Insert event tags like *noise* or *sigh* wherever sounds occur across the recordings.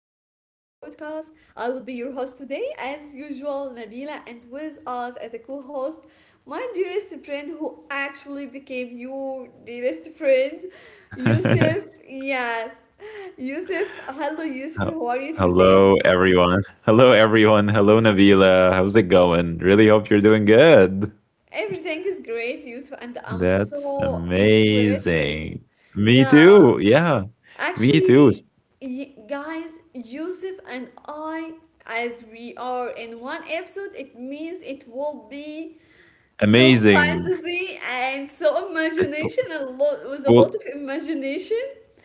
podcast. I will be your host today, as usual, Nabila, and with us as a co host, my dearest friend who actually became your dearest friend, *laughs* Yusuf. Yes, Yusuf. Hello, Hel- Yusuf, how are you Hello, today? everyone. Hello, everyone. Hello, Nabila. How's it going? Really hope you're doing good. Everything is great, Yusuf, and I'm That's so interested. amazing. Me Yeah, too. Yeah, me too. It's actually, guys, Yusuf and I, as we are in one episode, it means it will be so amazing. fantasy and so Uh, fu- imagination, a lot with a lot Full of imagination.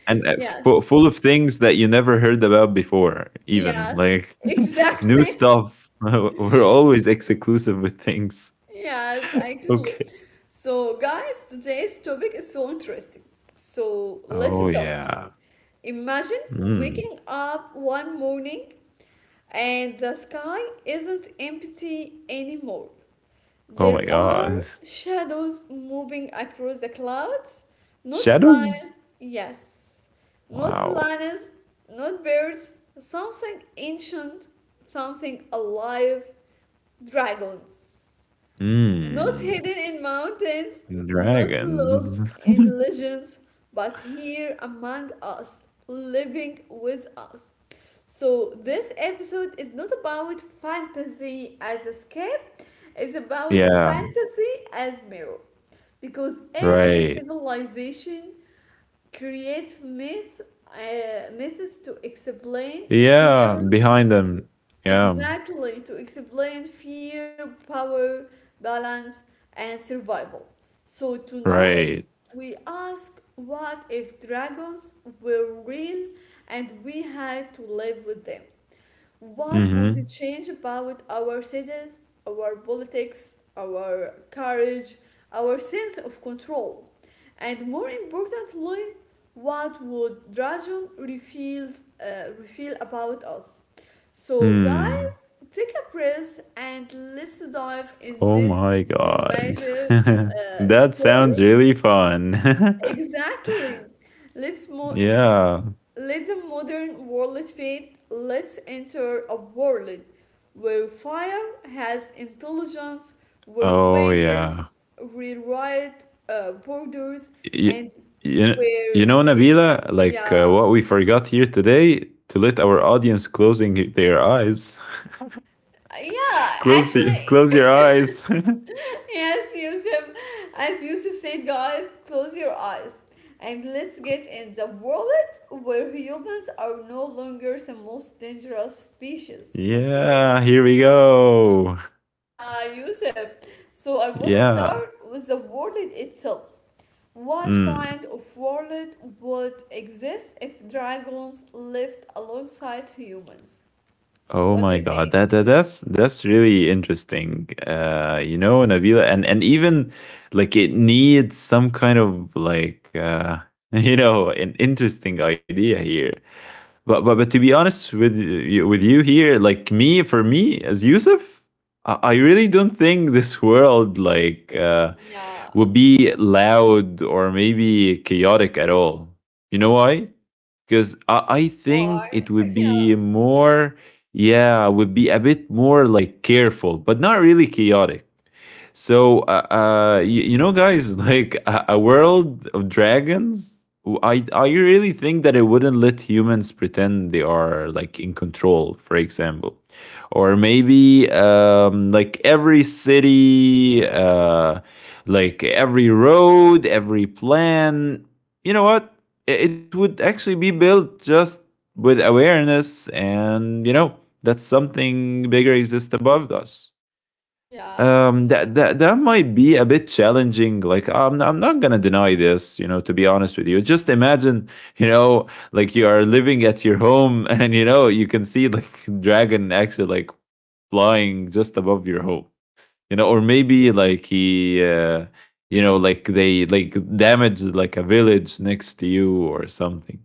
and uh, fu- Yes, full of things that you never heard about before. Even yes, like *laughs* new exactly. *laughs* stuff. *laughs* We're always exclusive with things. Yes, actually. Okay. So, guys, today's topic is so interesting. So, Oh let's start. yeah. Imagine Mm. waking up one morning and the sky isn't empty anymore. Oh There my are God. shadows moving across the clouds, not Shadows. planets, yes, not Wow. planets, not birds, something ancient, something alive, dragons. Not Mm, hidden in mountains, not locked dragons. *laughs* in legends, but here among us, living with us. So, this episode is not about fantasy as escape, it's about Yeah, fantasy as mirror. Because every right. civilization creates myth, myths to explain Yeah, fear. behind them. Yeah, Exactly, to explain fear, power, balance, and survival. So tonight right. we ask, what if dragons were real and we had to live with them? What would Mm-hmm. it change about our cities, our politics, our courage, our sense of control? And more importantly, what would reveal about us? So, guys, Mm. take a breath and let's dive in Oh this my God. imagine *laughs* That story. sounds really fun. *laughs* Exactly. Let's move. Yeah. Let the modern world fade. Let's enter a world where fire has intelligence, where Oh yeah. wings rewrite borders, You, and you, where, you know, Nabila, what yeah, we forgot here today to let our audience closing their eyes. *laughs* yeah, Close the, actually, close your eyes. *laughs* yes, Yusuf, as Yusuf said, guys, close your eyes. And let's get *laughs* in the world where humans are no longer the most dangerous species on Earth. Yeah, here we go. Yusuf, so I want to Yeah. start with the wallet itself. What kind Mm. of wallet would exist if dragons lived alongside humans? Oh What do my you god, think? that's really interesting. You know, Nabila, and even like it needs some kind of *laughs* you know an interesting idea here. But to be honest with you, here, like me for me as Yusuf, I really don't think this world Yeah, would be loud or maybe chaotic at all. You know why? Because I think why? it would *laughs* be yeah, would be a bit more like careful, but not really chaotic. So, you know, guys, *laughs* like a world of dragons. I really think that it wouldn't let humans pretend they are like in control. For example, or maybe like every city, like every road, every plan. You know what? It would actually be built just with awareness, and you know that something bigger exists above us. Yeah, yeah, That might be a bit challenging. Like I'm not gonna deny this, you know, to be honest with you. Just imagine, *laughs* you know, like you are living at your home *laughs* and you know you can see like *laughs* dragon actually like flying just above your home you know, or maybe you know, like they like damaged like a village next to you or something.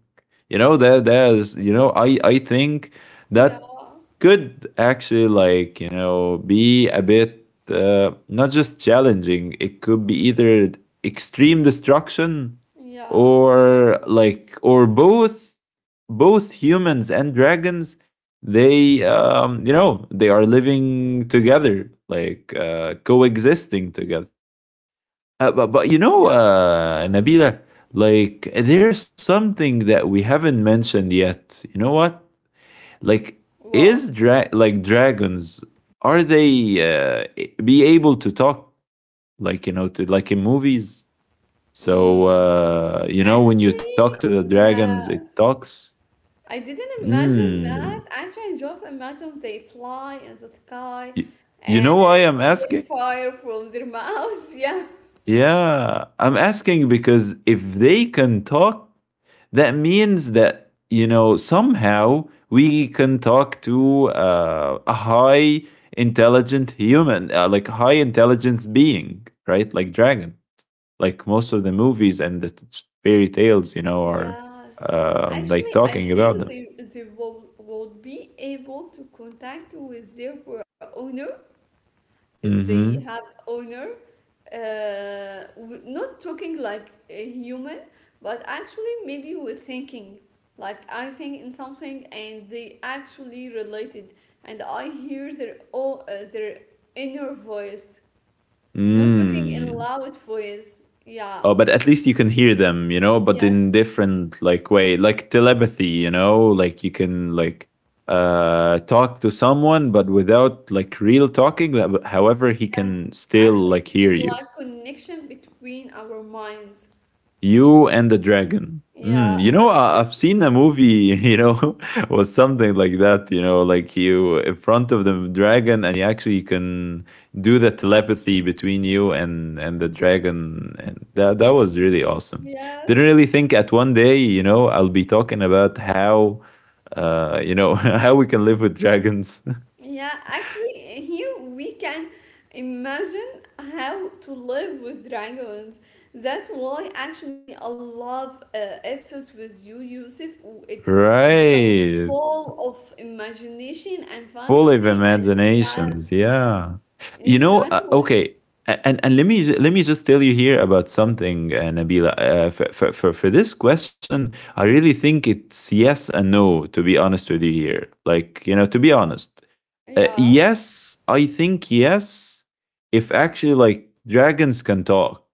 You know that that is, you know, I think yeah, that could actually like you know be a bit not just challenging. It could be either extreme destruction yeah, or like or both humans and dragons they you know they are living together like coexisting together, but you know yes. Nabila, like there's something that we haven't mentioned yet. You know what? Like What? Like dragons, are they uh, be able to talk, like you know to like in movies? Mm, So you know when you talk to actually, the dragons it yes. talks. I didn't imagine Mm. that. Actually, I just imagine they fly in the sky Y- you and know why I'm get asking? fire from their mouths. *laughs* Yeah. Yeah, I'm asking because if they can talk, that means that, you know, somehow we can talk to a high intelligent human, like high intelligence being, right? Like dragon. Like most of the movies and fairy tales, you know, are Yes. Like Actually, I talking about think them. they, would be able to contact with their owner if they Mm-hmm. have honor, not talking like a human, but actually maybe with thinking. Like I think in something and they actually related, and I hear their inner voice, not talking in Mm. loud voice. Yeah, Oh, but at I least you think can hear them, you know, but in yes, different like way, like telepathy, you know, like you can like talk to someone but without like real talking, however he can yes. still Actually, like hear it's you. like connection between our minds. You and the Dragon. Yeah. Mm, you know, *laughs* I've seen a movie, you know, *laughs* was something like that, you know, like you in front of the dragon and you actually can do the telepathy between you and the dragon. And that was really awesome. Didn't Yes. really think at one day, you know, I'll be talking about how, you know, *laughs* how we can live with dragons. Yeah, actually, here we can imagine how to live with dragons. That's why actually I love episodes with you, Yusuf. It *laughs* it becomes Right. full of imagination and Full of fantasy, and yes, imaginations, yeah. You know, exactly. okay, and let me just tell you here about something, Nabila. For for this question I really think it's yes and no, to be honest with you here, like you know, to be honest. Yeah, Yes, I think yes. If actually like dragons can talk,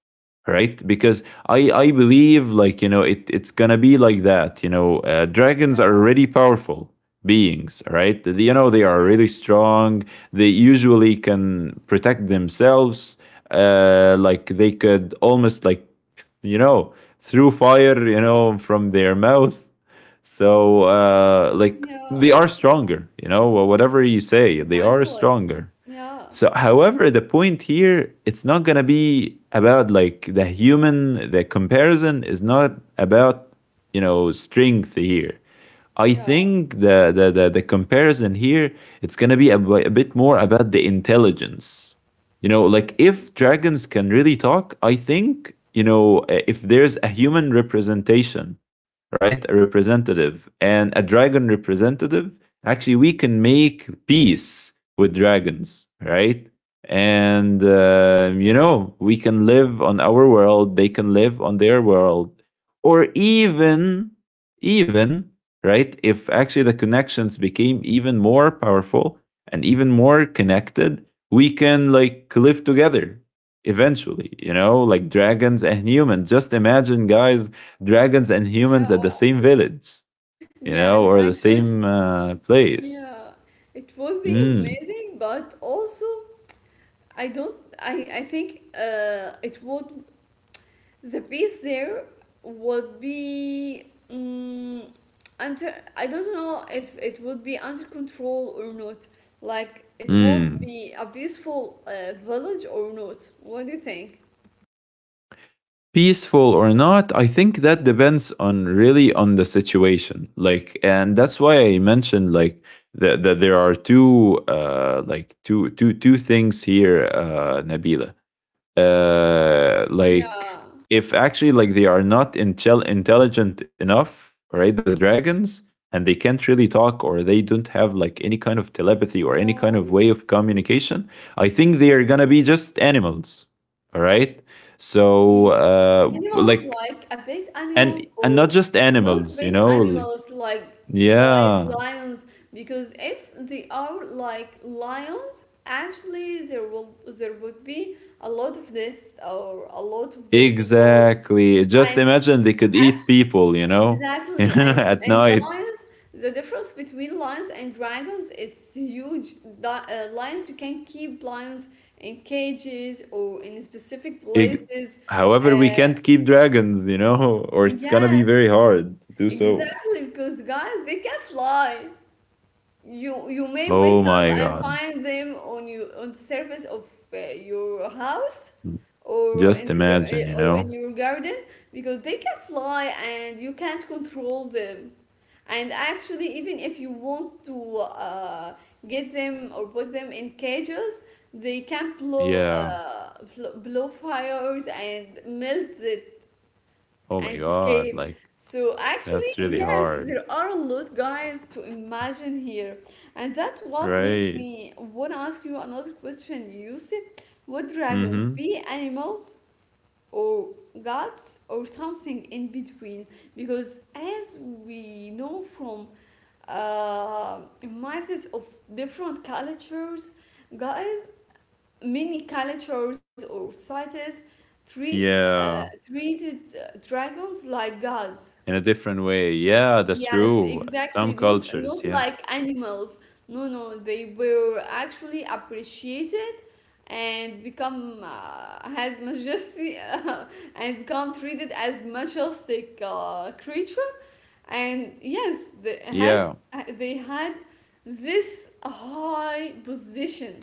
right? Because I believe like you know it's gonna be like that. You know, dragons are yeah, really powerful beings, right? You know, they are really strong. They usually can protect themselves. Like they could almost like you know through fire, you know, from their mouth. So like they yeah, are stronger, you know, whatever you say, they are exactly. stronger. Yeah, So however, the point here, it's not gonna be about like the human, the comparison is not about, you know, strength here. I yeah, think the comparison here it's gonna be a bit more about the intelligence. You know, like if dragons can really talk, I think you know if there's a human representation, right, a representative and a dragon representative, actually we can make peace with dragons, right? And you know we can live on our world; they can live on their world, or even even right? If actually the connections became even more powerful and even more connected, we can like live together eventually, you know, like dragons and humans. Just imagine, guys, dragons and humans yeah. at the same village, you know, Yes, or the actually, same place. yeah. It would be Mm. amazing, but also. I don't. I think it would, the piece there would be. Under, I don't know if it would be under control or not. Like it would Mm. be a peaceful village or not. What do you think? Peaceful or not, I think that depends on really on the situation, like, and that's why I mentioned that there are two like two things here, Nabila. Like Yeah. if actually like they are not intelligent enough, right? The dragons, and they can't really talk or they don't have like any kind of telepathy or any Yeah. kind of way of communication. I think they are gonna be just animals. All right. So Mhm. Animals like, like a pet animals and not or just not animals, you pet know, like animals like guys, yeah, lions, because if they are like lions, actually there would be a lot of deaths or a lot of dead people exactly. Just and imagine they could eat people, you know, *laughs* exactly, at and night. guys, the difference between lions and dragons is huge. Lions, you can keep lions in cages or in specific Ig- places. However, we Uh, can't keep dragons, you know, *laughs* or it's gonna be yes, very hard to do so. exactly, because guys, they can fly. You may wake Oh up my and god. find them on you on the surface of your house or in Just the, imagine, you or in know? your garden because they can fly and you can't control them. And actually, even if you want to get them or put them in cages, they can blow Yeah. Blow fires and melt it Oh and my god. escape. Like, So actually, that's really yes, there hard. are a lot, guys, to imagine here, and that's what made Right. me want to ask you another question, Yusuf. Would Mm dragons hmm. be animals or gods or something in between? Because as we know from myths of different cultures, guys, many cultures or societies Yeah. Treated dragons like gods. In a different way. Yeah, that's Yes, true. exactly. Some Not cultures. not Yeah. like animals. No, no, they were actually appreciated and become as majesty *laughs* and become treated as majestic creature. And yes, Yeah. They had this high position.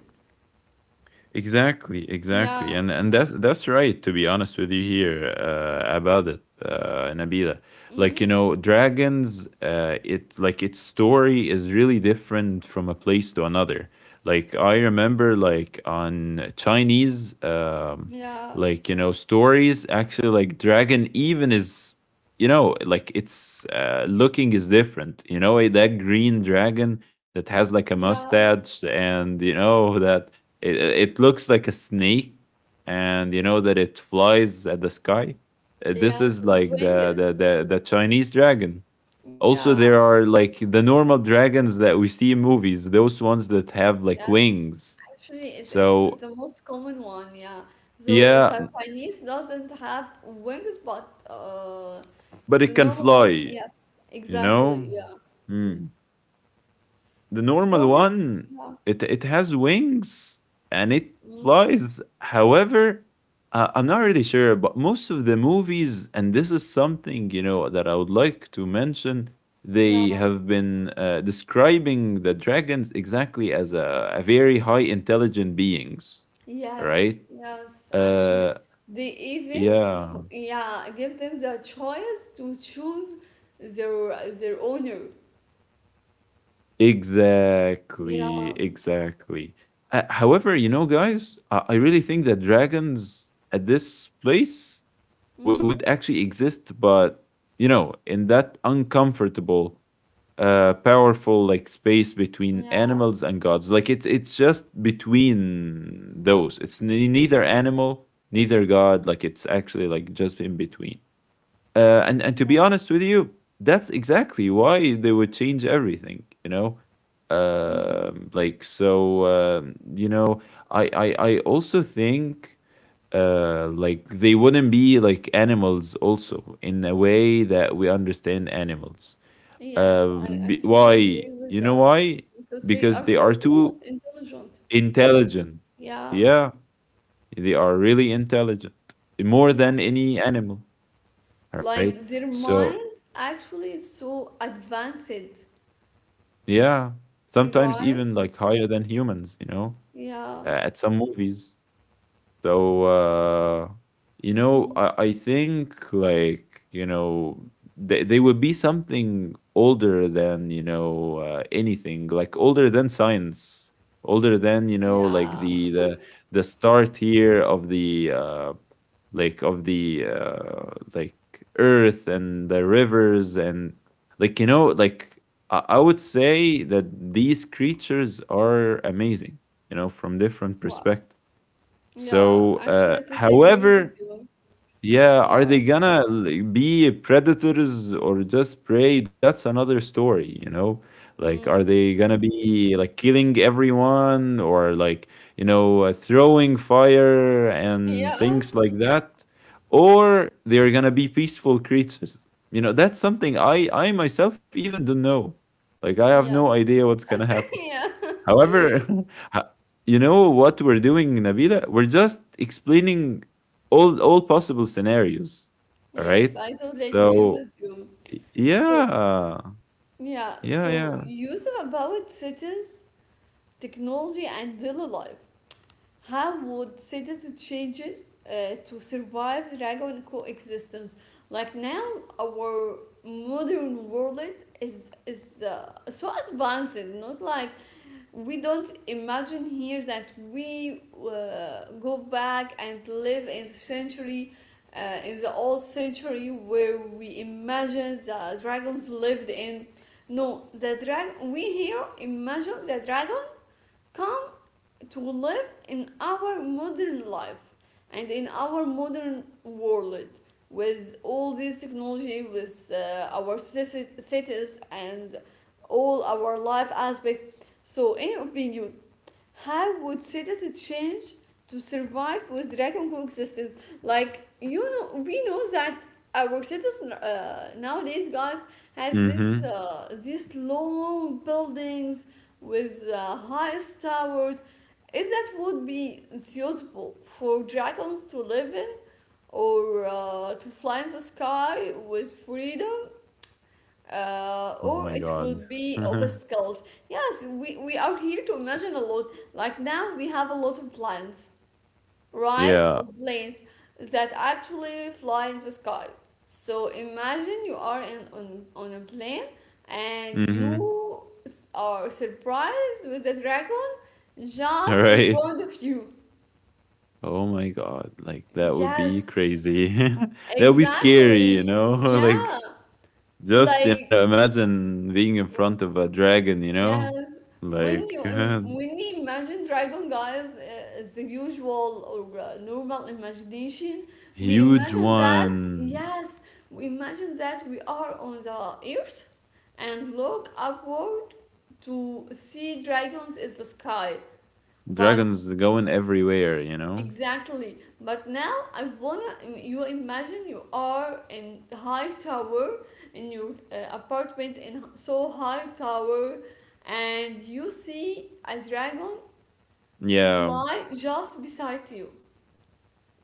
Exactly, exactly, Yeah. and that's right. To be honest with you here about it, Nabila, like you Mhm. know, dragons. It like its story is really different from a place to another. Like I remember, like on Chinese, Yeah. like you know, stories. Actually, like dragon even is you know like it's looking is different. You know that green dragon that has like a Yeah, mustache and you know that it looks like a snake, and you know that it flies at the sky. This yes, is with like wings. The Chinese dragon. Yeah, Also, there are like the normal dragons that we see in movies, those ones that have like yes. wings. Actually, it's it's the So, most common one. Yeah. So the yeah, Chinese doesn't have wings, but the but it can normal one. fly, Yes, you exactly. know? Yeah. Hmm. The Go normal ahead. one, Yeah. it has wings and it Mm. flies. However, I'm not really sure, but most of the movies, and this is something you know that I would like to mention, they Yeah. have been describing the dragons exactly as a very high intelligent beings, Yes. right? Yes. Actually, Uh, they even yeah. yeah give them the choice to choose their owner. Exactly, Yeah. exactly. However, you know, guys, I really think that dragons at this place Mm. would actually exist, but you know, in that uncomfortable, powerful like space between Yeah. animals and gods, like it's just between those. It's neither animal, neither god. Like it's actually like just in between. And to be Yeah. honest with you, that's exactly why they would change everything. You know, Mm. You know, I also think like they wouldn't be like animals also in a way that we understand animals. Yes, I totally Why agree with you know that why? because they are Because they too are too intelligent. intelligent. Yeah, Yeah, they are really intelligent, more than yes. any animal. All right. Like their So mind actually is so advanced, yeah, sometimes right? even like higher than humans, you know, Yeah, at some movies. So you know, mm, I think like you know they would be something older than you know anything, like older than science, older than you know like yeah, the start here of the like of the like earth and the rivers and like you know like I would say that these creatures are amazing you know from different wow. perspectives. Yeah, So, actually, I totally agree with however, you. yeah, Yeah, are they gonna like be predators or just prey? That's another story, you know? Like, are mm, they gonna be like killing everyone or like, you know, throwing fire and yeah, things like that? Or they're gonna be peaceful creatures? You know, that's something I myself even don't know. Like, I have no yes, idea what's gonna *laughs* happen. yeah. However, *laughs* ho you know what we're doing, Nabila? We're just explaining all possible scenarios. All Yes, right. I totally So agree with you. y- So, yeah, yeah, so yeah. Yusuf, about cities, technology and daily life. How would cities change it to survive dragon coexistence? Like now, our modern world is so advanced. Not like we don't imagine here that we go back and live in century. In the old century where we imagined the dragons lived in, no, the dragon, we here imagine the dragon come to live in our modern life and in our modern world with all this technology, with our cities and all our life aspects. So in your opinion, how would cities change to survive with dragon coexistence? Like you know, we know that our cities nowadays, guys, had this Mm-hmm. These long buildings with highest towers. Is that would be suitable for dragons to live in or to fly in the sky with freedom? Oh Or my it would god. be *laughs* obstacles. Yes, we are here to imagine a lot. Like now, we have a lot of planes, right? Or yeah. planes that actually fly in the sky. So imagine you are on a plane and Mm-hmm. you are surprised with a dragon All just in right. front of you. Oh my god. Like that would be Yes, crazy. *laughs* That would be scary. Exactly. *laughs* Yeah, like like imagine being in front of a dragon. Yes. Like *laughs* When we imagine Dragon Guys as the usual or normal imagination, we Huge imagine that one. yes, we imagine that we are on the earth and look upward to see dragons in the sky. But Dragons going everywhere, you know? exactly. But now I wanna you imagine you are in the high tower in your apartment in so high tower and you see a dragon Yeah. fly just beside you.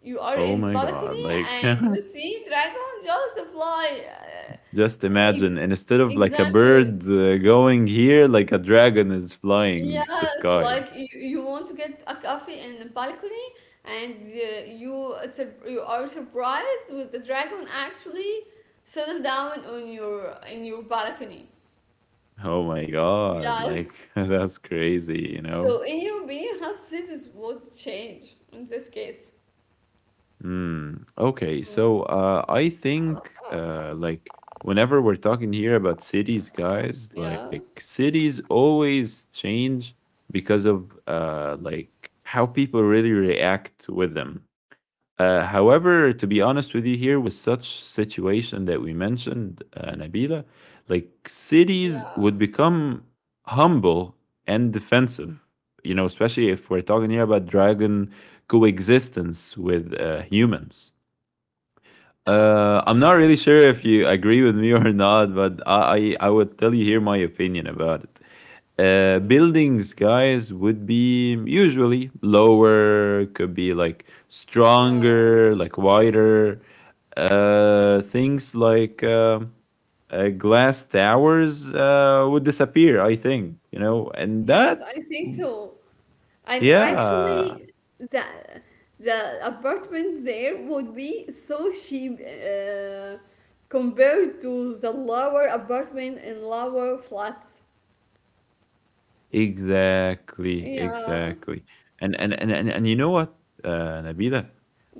You are Oh in my god. balcony Like and you see dragon just fly. *laughs* Just imagine, ex- and instead of like a exactly. bird going here, like a dragon is flying the Yes, sky. like you want to get a coffee in the balcony, and you you are surprised with the dragon actually settle down on your in your balcony. Oh my god. Like Yes. *laughs* that's crazy, you So, know? in your opinion, how cities would change in this case? Okay, Mm, so I think like whenever we're talking here about cities, guys, like yeah, cities always change because of like how people really react with them. However, to be honest with you, here with such situation that we mentioned, Nabila, like cities would yeah, become humble and defensive. You know, especially if we're talking here about dragon coexistence with humans. yeah, I'm not really sure if you agree with me *laughs* or not, but I would tell you here my opinion about it. Mm, Buildings, guys, would be usually lower, could be like yeah. stronger, like wider. Things like glass towers would disappear, I think, you know, and Yes, that, I think so. And yeah, actually, the the apartment there would be so cheap compared to the lower apartment and lower flats. exactly, Yeah. exactly. And you know what, Nabila,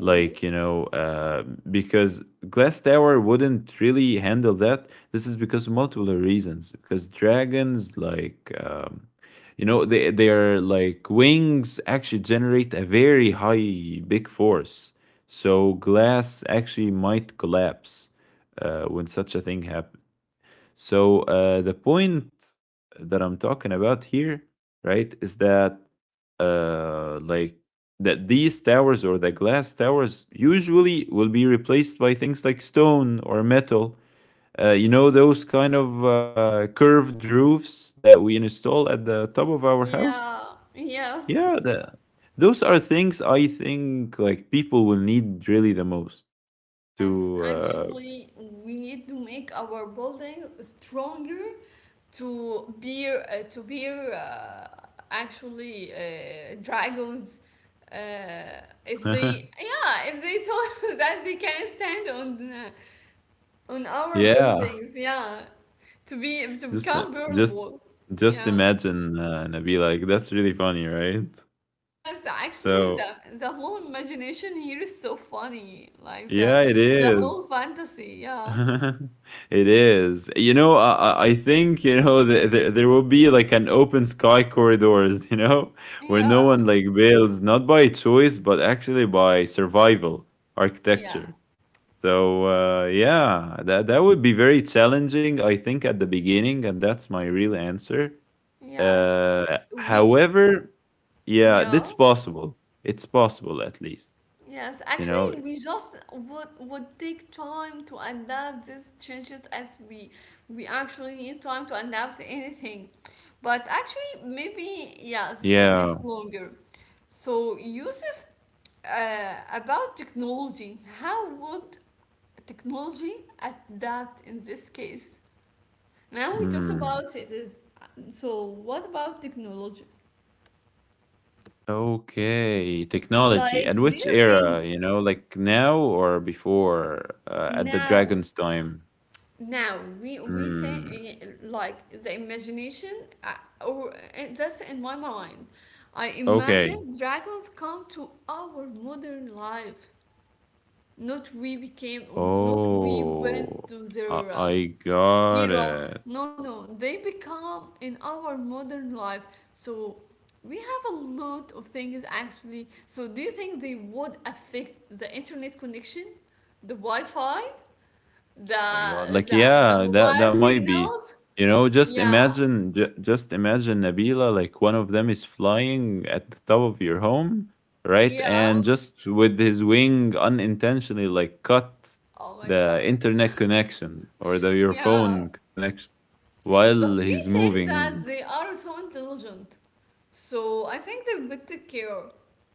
Mm. you know, because Glass Tower wouldn't really handle that. This is because multiple reasons. Because dragons, like you know, they their like wings actually generate a very high big force. So glass actually might collapse when such a thing happens. So the point that I'm talking about here, right, is that like that these towers or the glass towers usually will be replaced by things like stone or metal. You know those kind of curved roofs that we install at the top of our house. Yeah, yeah. Yeah, those are things I think like people will need really the most Yes, to. actually, we need to make our building stronger to bear actually dragons. If Uh, they yeah, if they told *laughs* that they can stand on *laughs* our yeah. buildings, yeah, to be to Just I- become bearable, just yeah. imagine, Nabila, like that's really funny, right? Yes, actually, So the whole imagination here is so funny, like yeah, it the whole is. fantasy, yeah, *laughs* It is. You know, I think, you know, there will be like an open sky corridors, you know, *laughs* where yeah. no one like builds, not by choice, but actually by survival Yeah. architecture. So yeah, that that would be very challenging, I think, at the beginning, and that's my real answer. Yes. We However, yeah, that's yeah. possible. It's possible at least, Yes. you know. Actually, we just would take time to adapt these changes as we actually need time to adapt anything. But actually, maybe yes, it Yeah. takes longer. So, Yusuf, about technology, how would technology adapt in this case? Now we talked Mm. about it is, so what about technology? Okay, technology. And Like, do which you era, think, you know, like now or before, at the now, Dragon's time? now we say Mm. eh, like the imagination, or eh, that's in my mind. I imagine Okay. dragons come to our modern life. Not we became, not we went Oh, to their I got era. it. No, no, they become in our modern life. So we have a lot of things actually. So do you think they would affect the internet connection, the Wi-Fi? Oh my god! Like The yeah, that that mobile might be. signals. You know, just Yeah, imagine, just imagine Nabila. Like one of them is flying at the top of your home, right? yeah. And just with his wing, unintentionally, like cut Oh my the God. internet connection or the your Yeah. phone connection while But he's we said moving. that they are so intelligent. So I think they would take care.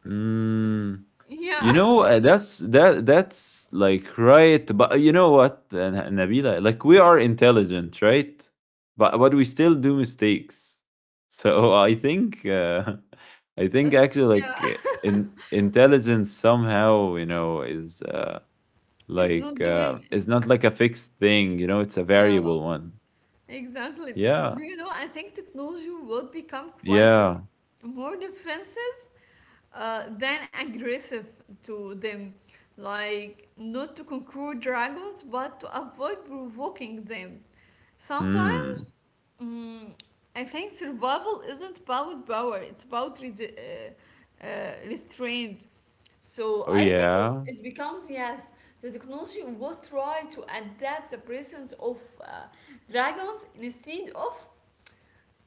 Mm. Yeah. You know, *laughs* that that's like right, but you know what, Nabila, like we are intelligent, right? But we still do mistakes. *laughs* So I think *laughs* I think Yes. actually Yeah. like in intelligence somehow, you know, is It's like not doing. it's not like a fixed thing, you know, it's a Yeah. variable one. Exactly. Yeah. Do you know, I think technology would become quieter, Yeah. more defensive than aggressive to them. Like, not to conquer dragons, but to avoid provoking them. Sometimes, Mm. mm, I think survival isn't about power, it's about restraint. So Oh I think it, yeah. it becomes yes, the technology will try to adapt the presence of uh, dragons instead of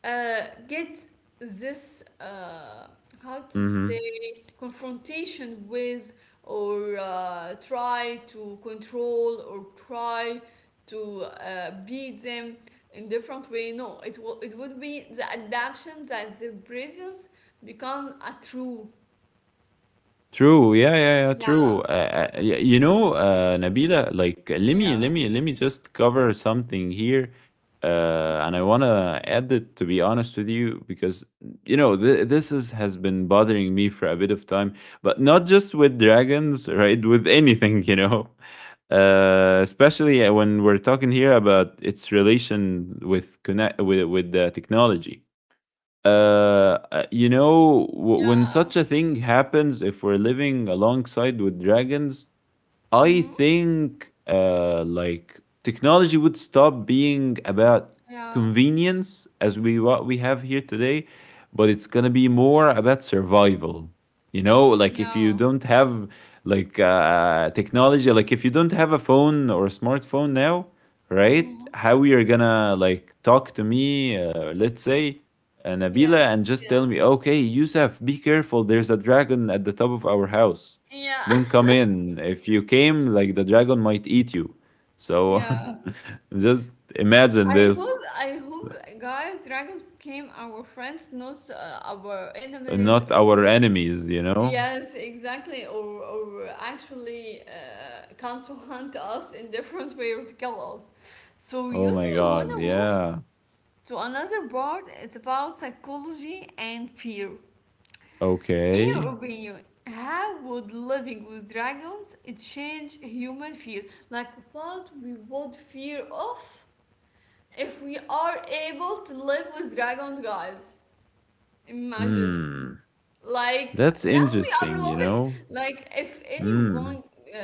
uh, get this how to Mhm. say confrontation with or try to control or try to beat them in different way. No, it will it would be the adaptation that the presence become a true. True. Yeah, yeah, yeah. True. Yeah. You know, Nabila, like Yeah. Let me just cover something here, and I wanna add it to be honest with you because you know this is has been bothering me for a bit of time, but not just with dragons, right? With anything, you know, *laughs* especially when we're talking here about its relation with connect with the technology. You know, when Yeah. such a thing happens, if we're living alongside with dragons, I Mm, think like technology would stop being about yeah, convenience as we what we have here today, but it's gonna be more about survival. You know, like if you yeah. don't have like technology, like if you don't have a phone or a smartphone now, right? Mm, How you're gonna like talk to me, let's say, Nabila, yes, and just tell me, yes. okay, Yusuf, be careful, there's a dragon at the top of our house, Yeah, don't come in. If you came, like the dragon might eat you. So *laughs* yeah. *laughs* just imagine this. I hope, guys, dragons became our friends, not our enemies, Not our or enemies, you know? yes, exactly, or actually come to hunt us in different way or to kill us. So Oh using my when god, a wolf yeah. to another part, it's about psychology and fear. In your Okay. opinion, how would living with dragons change human fear? Like what we would fear of if we are able to live with dragons, guys? Imagine. Hmm. Like That's now we are interesting, you living. know? Like if Hmm. anyone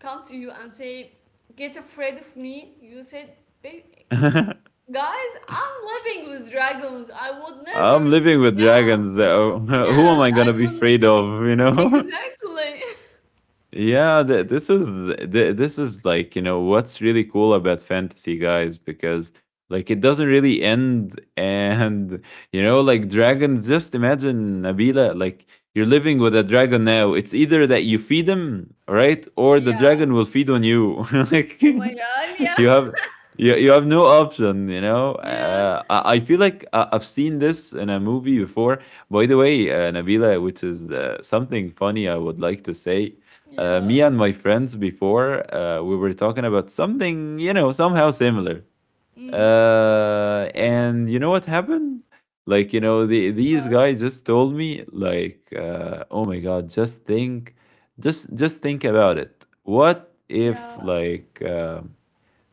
come to you and say, "Get afraid of me," you said, baby, *laughs* guys, I'm living with dragons. I would I'm never." living with Yeah. dragons, though. *laughs* Who am Yes, I gonna I be will. afraid of, you know? *laughs* Exactly. *laughs* Yeah, this is like you know what's really cool about fantasy, guys, because like it doesn't really end, and *laughs* you know, like dragons. Just imagine Nabila, like you're living with a dragon now. It's either that you feed him, right, or the dragon Yeah. will feed on you. *laughs* like Oh my *laughs* God. Yeah. you have *laughs* you have no option, you know. Yeah. I feel like I've seen this in a movie before, by the way, Nabila, which is something funny I would like to say. Yeah. Me and my friends before, we were talking about something, you know, somehow similar. Mm. And you know what happened, like you know Wow. these guys just told me, like, oh my god, just think about it. What Yeah. if like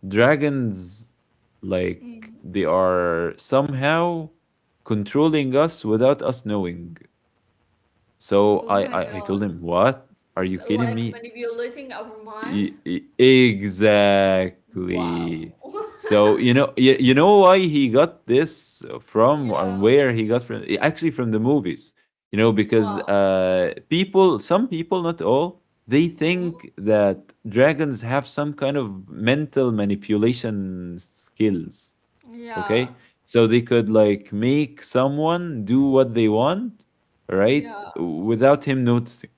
dragons like Mm. they are somehow controlling us without us knowing? Oh So my I God. told him, what are It's you kidding like me? manipulating our mind. Wow. Exactly. *laughs* So you know, you know why he got this from, or Yeah. where he got from? Actually, from the movies. You know, because Wow. People, some people, not all, they Mm. think that dragons have some kind of mental manipulation skills. Yeah. Okay, so they could like make someone do what they want, right, Yeah. without him noticing.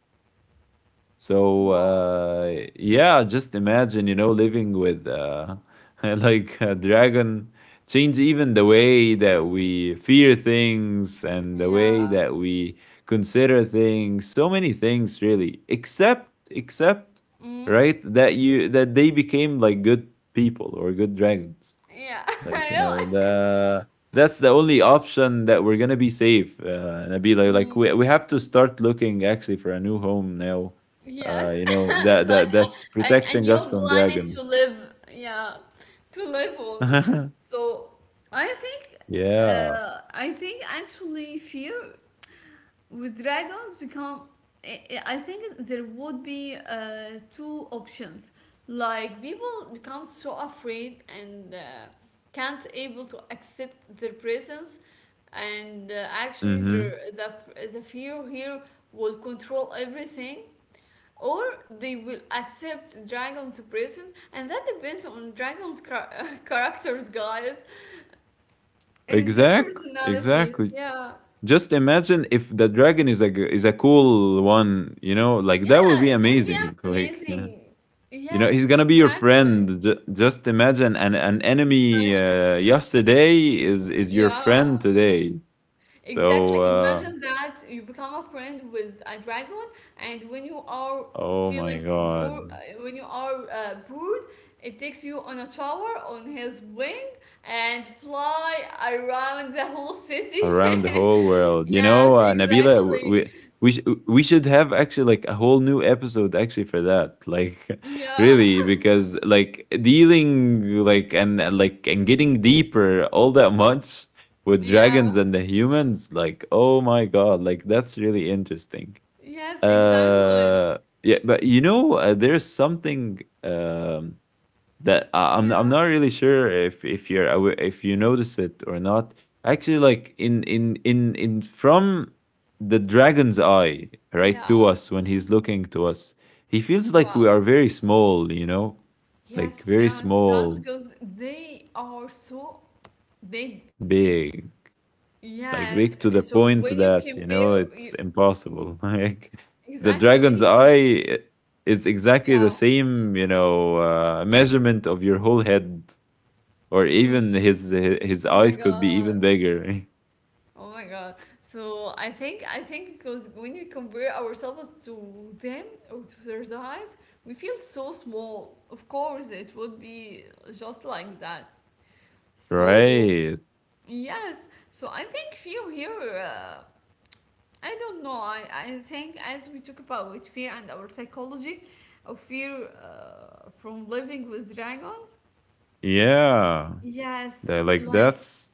So Wow. Yeah, just imagine, you know, living with *laughs* like a dragon change even the way that we fear things and the way Yeah. that we consider things. So many things, really. Except, except, Mm. right? That you that they became like good people or good dragons. Yeah. *laughs* Like you know Really? the that's the only option that we're gonna be safe. And I'd be like, Mm. We have to start looking actually for a new home now, Yes, you know *laughs* like that's a, and a protecting new us from planet dragon. to live, yeah, to live on. *laughs* So I think, yeah. I think actually fear with dragons become. I I think there would be two options. Like people become so afraid and can't able to accept their presence, and actually the Mm-hmm. the the fear here will control everything, or they will accept dragons' presence, and that depends on dragons' *laughs* characters, guys, and their Exact. personalities. Exactly. Yeah, Just imagine if the dragon is a is a cool one. You know, like yeah, that would be it would be amazing. *laughs* Like yeah. amazing. You know, Yes, he's gonna be your exactly. friend. Just imagine an enemy Fashion. Yesterday is your Yeah, friend today. So exactly. Imagine that you become a friend with a dragon, and when you are oh feeling my bored, god. when you are bored, it takes you on a tower on his wing and fly around the whole city. Around the whole world. *laughs* You know, yes, Nabila, exactly. We sh- we should have actually like a whole new episode actually for that. Like, *laughs* Yeah, really, because like dealing like like and getting deeper all that much with dragons yeah. and the humans, like, oh my god, like that's really interesting. Yes, exactly. Uh, yeah, but you know, there's something that I'm not Yeah, really sure if you're if you notice it or not. Actually, like in from the dragon's eye, right, yeah. to us when he's looking to us, he feels like we are Wow. very small. You know, like Yes, very yes. That's small, because they are so big. big, like big Yes. to the So point when you that you know compare, it's you, impossible. *laughs* Like the exactly when dragon's you come, eye. eh, is exactly the yeah. same, you know, measurement of your whole head, or even Mm. His Oh my eyes could be God. even bigger. *laughs* Oh my God. So I think because when you compare ourselves to them or to their size, we feel so small. Of course, it would be just like that. So Right. yes. So I think fear here. I don't know. I think as we talk about with fear and our psychology of fear from living with dragons, Yeah. yes, Tha- Like like that's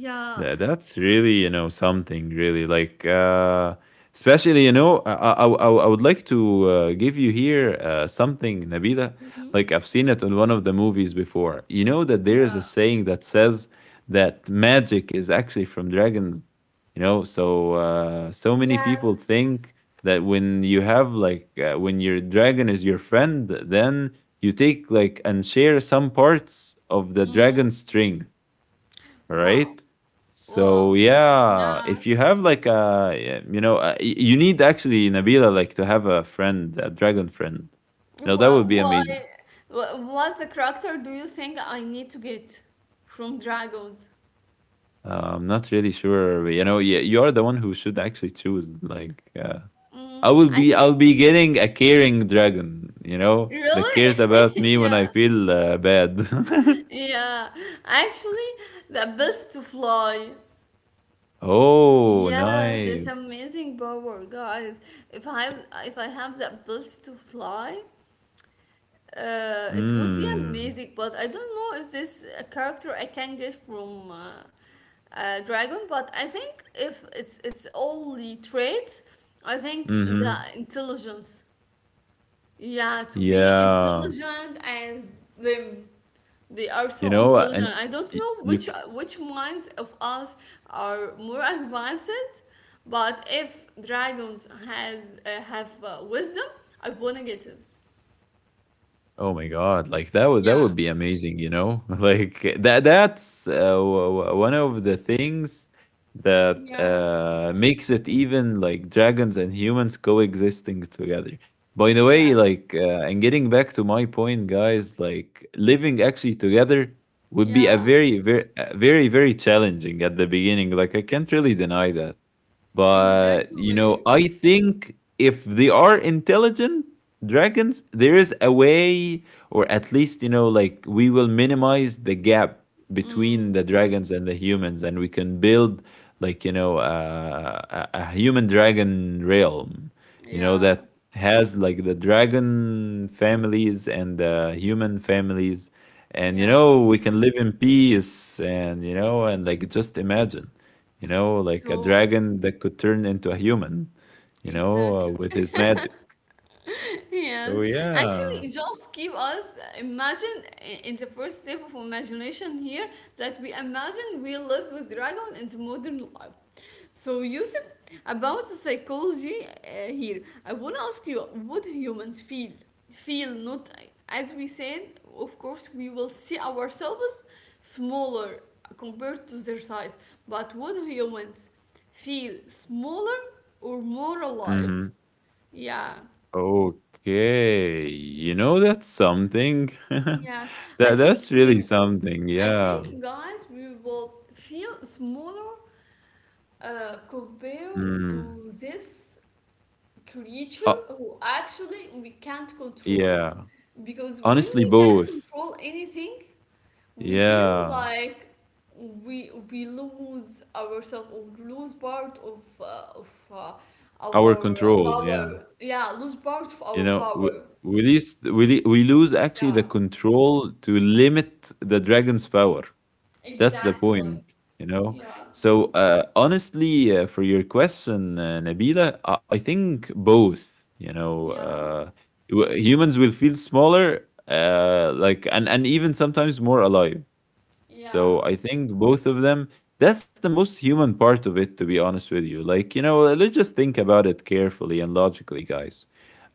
yeah, That, that's really you know something really like especially you know I would like to give you here something Nabila, hmm, like I've seen it in one of the movies before. You know that there is a yeah, saying that says that magic is actually from dragons, you know. So so many people yes, think that when you have like when your dragon is your friend, then you take like and share some parts of the hmm, dragon's strength, wow, right? So well, yeah, yeah. if you have like a yeah, you know, you need actually Nabila like to have a friend, a dragon friend. You know that Well, would be why? amazing. What the character do you think I need to get from dragons? I'm not really sure. You know, yeah, you are the one who should actually choose. Like, Mm, I I'll think be getting a caring dragon. You know, that cares about really, *laughs* me when I yeah, feel bad. yeah. Actually, the ability to fly, *laughs* Oh, yes, it's nice. amazing power, guys. If I if I have the ability to fly, it would be Mm. amazing. But I don't know if this character I can get from Dragon. But I think if it's only traits, I think the Mm-hmm. intelligence. Yeah, to be Yeah. intelligent as them. They are You so know, intelligent. and I don't know you which minds of us are more advanced, but if dragons has have wisdom, I wanna get it. oh my god, like that would Yeah, be amazing, you know? *laughs* Like that that's one of the things that yeah, makes it even like dragons and humans coexisting together. By the way, yes, like and getting back to my point, guys, like living actually together would be a yeah, very very challenging at the beginning. Like I can't really deny that. But you know, exactly. I think if they are intelligent dragons, there is a way, or at least you know, like we will minimize the gap between Mm, the dragons and the humans, and we can build like you know a human dragon realm, you know yeah, that has like the dragon families and the human families and you yeah. know we can live in peace and you know and like just imagine you know, like a So dragon that could turn into a human, you know, exactly. With his magic. Yes, Oh actually, yeah. just keep us imagine in the first step of imagination here that we imagine we live with dragon in the modern life. So, Yusuf, about the psychology here, I want to ask you, what do humans feel not as we said, of course, we will see ourselves smaller compared to their size, but would humans feel smaller or more alive? hmm Yeah. Okay, you know that's something. *laughs* Yes, I That think that's really we, something. I Yeah. think guys, we will feel smaller compared Mm. to this Uh, creature who actually we can't control. yeah. Because when Honestly, we can't both. control anything, we feel Yeah. like we lose ourselves or lose part of Our our control. Yeah. power. Yeah, lose part of You our know, we power. we, least, we lose actually Yeah, the control to limit the dragon's power. That's the exactly. point, you know? Yeah, So, honestly, for your question, Nabila, I think both, you know, yeah. Humans will feel smaller, like, and even sometimes more alive. So, Yeah, I think both of them, that's the most human part of it, to be honest with you. Like, you know, let's just think about it carefully and logically, guys,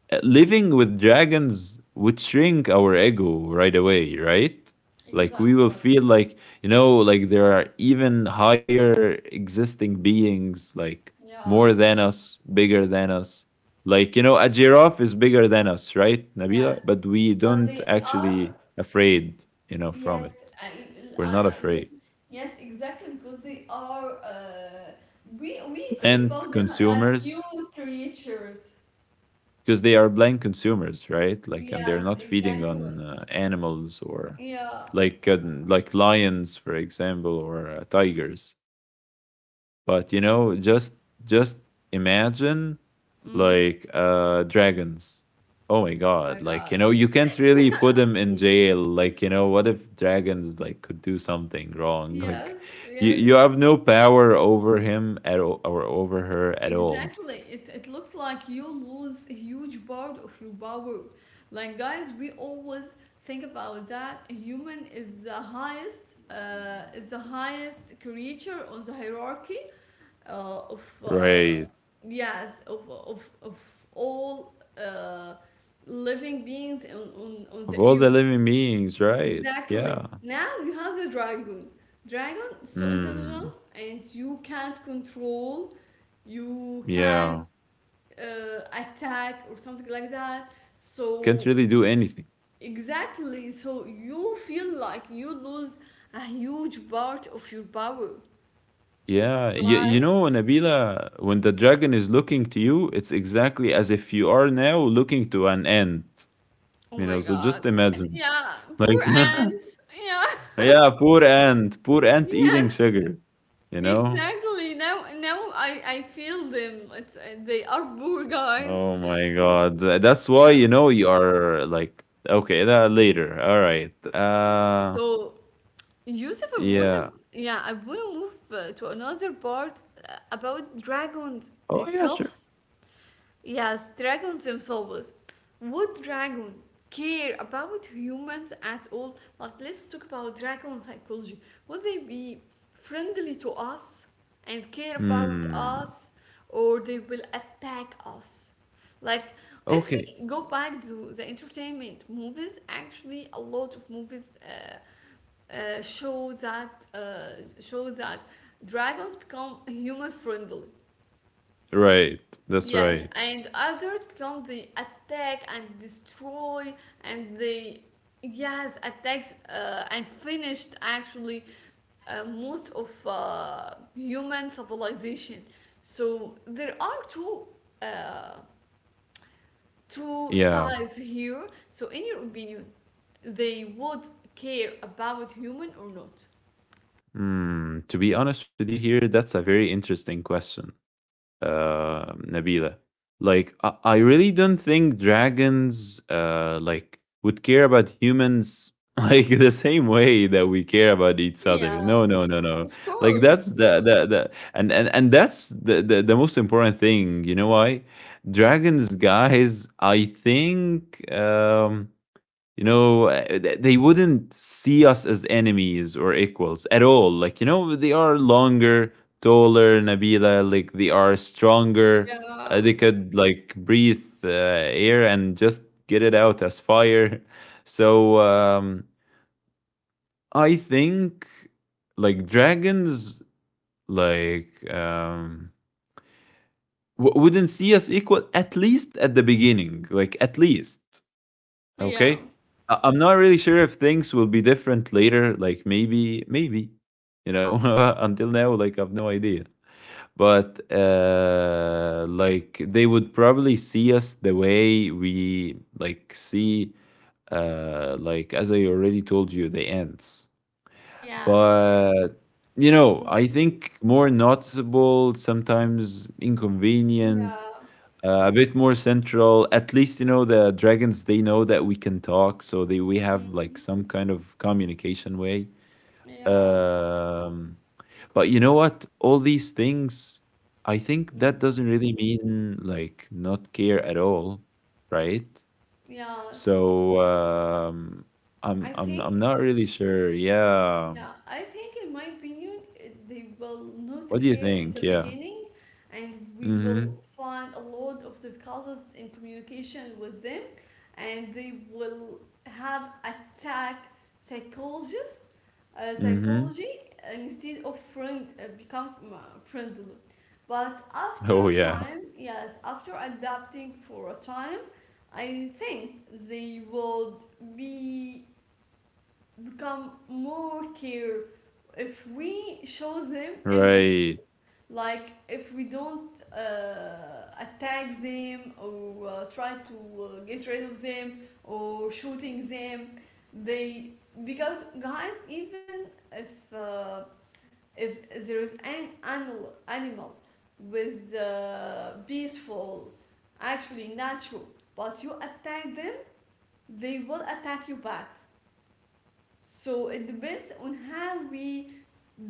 living with dragons would shrink our ego right away, right? Like we will exactly. feel like, you know, like there are even higher existing beings, like Yeah, more than us, bigger than us. Like, you know, a giraffe is bigger than us, right, Nabila? yes. But we But they don't are, actually afraid, you know, yes, from I, it. I, We're I, not like, afraid. yes, exactly, because they are, we think about them And like cute consumers, creatures. because they are blind consumers, right? Like, and Yes, they're not feeding exactly. on animals or Yeah. like uh, like lions, for example, or tigers. But you know, just imagine Mm, like dragons. Oh my my god! Like you God. know, you can't really put them in jail. Like you know, what if dragons like could do something wrong? *laughs* Like Yes, you yes. you have no power over him at all, or over her at all, Exactly. It looks like you lose a huge part of your power. Like, guys, we always think about that. A human is the highest creature on the hierarchy of, uh, right? yes, of all uh, living beings on Of the all the earth. living beings, right? Exactly. Yeah. Now you have the dragon. Dragon is so Mm, intelligent and you can't control, you can yeah. Attack or something like that, Can't so really do anything. exactly, so you feel like you lose a huge part of your power. Yeah. You, you Right. know, Nabila, when the dragon is looking to you, it's exactly as if you are now looking to an ant. Oh You know, my so God. just imagine. Yeah, poor Like, *laughs* ant. yeah, Yeah. Poor *laughs* ant eating Yes, sugar, you know? exactly. Now, I feel them, it's, they are poor guys. Oh my God. That's why, Yeah. you know, you are like, okay, that later. All right. So, Yusuf, I wanna, Yeah. yeah, I wanna move to another part about dragons Oh, yeah, sure. itself. Yes, dragons themselves. Would dragon care about humans at all? Like, let's talk about dragon psychology. Would they be friendly to us and care about Hmm. us, or they will attack us? Like, if Okay. we go back to the entertainment movies, actually, a lot of movies uh, show that uh, show that dragons become human friendly. Right. That's Yes, right. and others becomes the attack and destroy, and they, yes, attacks and finished, actually, most of human civilization. So there are uh, two Yeah. sides here. So in your opinion, they would care about human or not? Hmm. To be honest with you here, that's a very interesting question, Nabila. Like, I really don't think dragons, like, would care about humans *laughs* like the same way that we care about each other. Yeah, No, no, no, no. of Like, course. that's the and that's the most important thing. You know why? Dragons, guys. I think. You know they wouldn't see us as enemies or equals at all, like you know they are longer, taller, Nabila, like they are stronger. Yeah, They could like breathe air and just get it out as fire. *laughs* So I think like dragons, like wouldn't see us equal, at least at the beginning, like at least. yeah, Okay. I'm not really sure if things will be different later. Like maybe, maybe, you know, *laughs* until now, like I've no idea. But like they would probably see us the way we like see, like as I already told you, the ants. yeah, But you know, I think more noticeable, sometimes inconvenient, yeah. A bit more central. At least you know the dragons. They know that we can talk, so they we have Mm. like some kind of communication way. Yeah. Um, but you know what? All these things, I think Mm. that doesn't really mean like not care at all, right? Yes. So I I'm think, not really sure. Yeah. yeah, I think, in my opinion, they will not What do you care in think? the Yeah. beginning, and we Mm-hmm. will find a lot of difficulties in communication with them, and they will have attack psychologists, Mm-hmm. *laughs* psychology, instead of friend become friendly. But Oh after yeah. time, yes, after adapting for a time, I think they would be become more care if we show them empathy, Right. like if we don't attack them or try to get rid of them or shooting them, they, because guys, even if uh, if there is an animal with peaceful, actually, natural, but you attack them, they will attack you back. So it depends on how we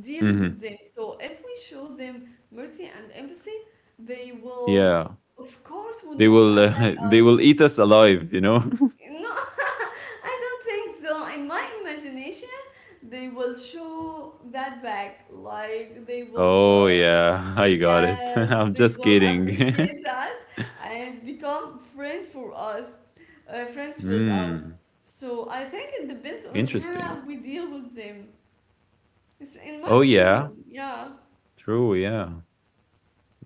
deal with Mm-hmm. them. So if we show them mercy and empathy, they will, Yeah. of course, will They not will attack *laughs* they will us. eat us alive, you know? No. *laughs* I don't think so. In my imagination, they will show that back. Like they *laughs* will, Oh yeah, I got it. *laughs* yes, I'm they just will kidding. appreciate *laughs* that and become friend for us, friends with us. Hmm. So I think it depends on Interesting. how we deal with them. It's in my Oh yeah. opinion, yeah. True, yeah.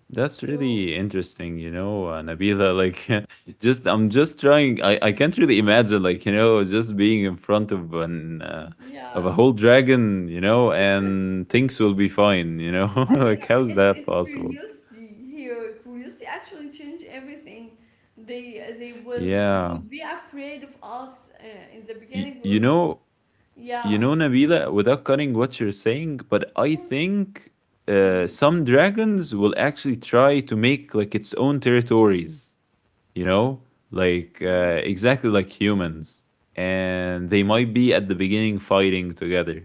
That's So really interesting, you know, Nabila. Like, *laughs* just I'm just trying. I can't really imagine, like, you know, just being in front of an of yeah, a whole dragon, you know, and things will be fine, you know. *laughs* I think Like, it's how's it's, that it's possible? curiosity here. Curiosity actually change everything. They will Yeah. would be afraid of us, in the Y- beginning you was, know, You yeah, know, Nabila, without cutting what you're saying, but I think mm, some dragons will actually try to make like its own territories, you know, like mm. exactly like humans. And they might be at the beginning fighting together.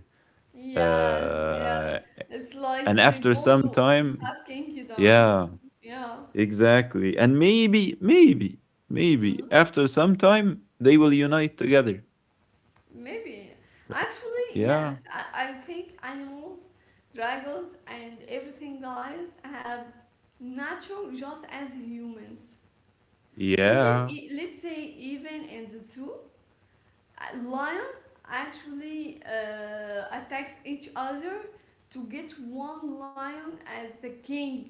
Yes, yeah. Uh, It's and like they after want some to time, have kinky doms. yeah, Yeah. exactly. And maybe, maybe, maybe Hmm? after some time, they will unite together. Maybe. So, Actually, yes, yeah, I think animals, dragons, and everything, guys, have nature just as humans. Even, yeah. Let's say, even in the zoo, lions actually attacks each other to get one lion as the king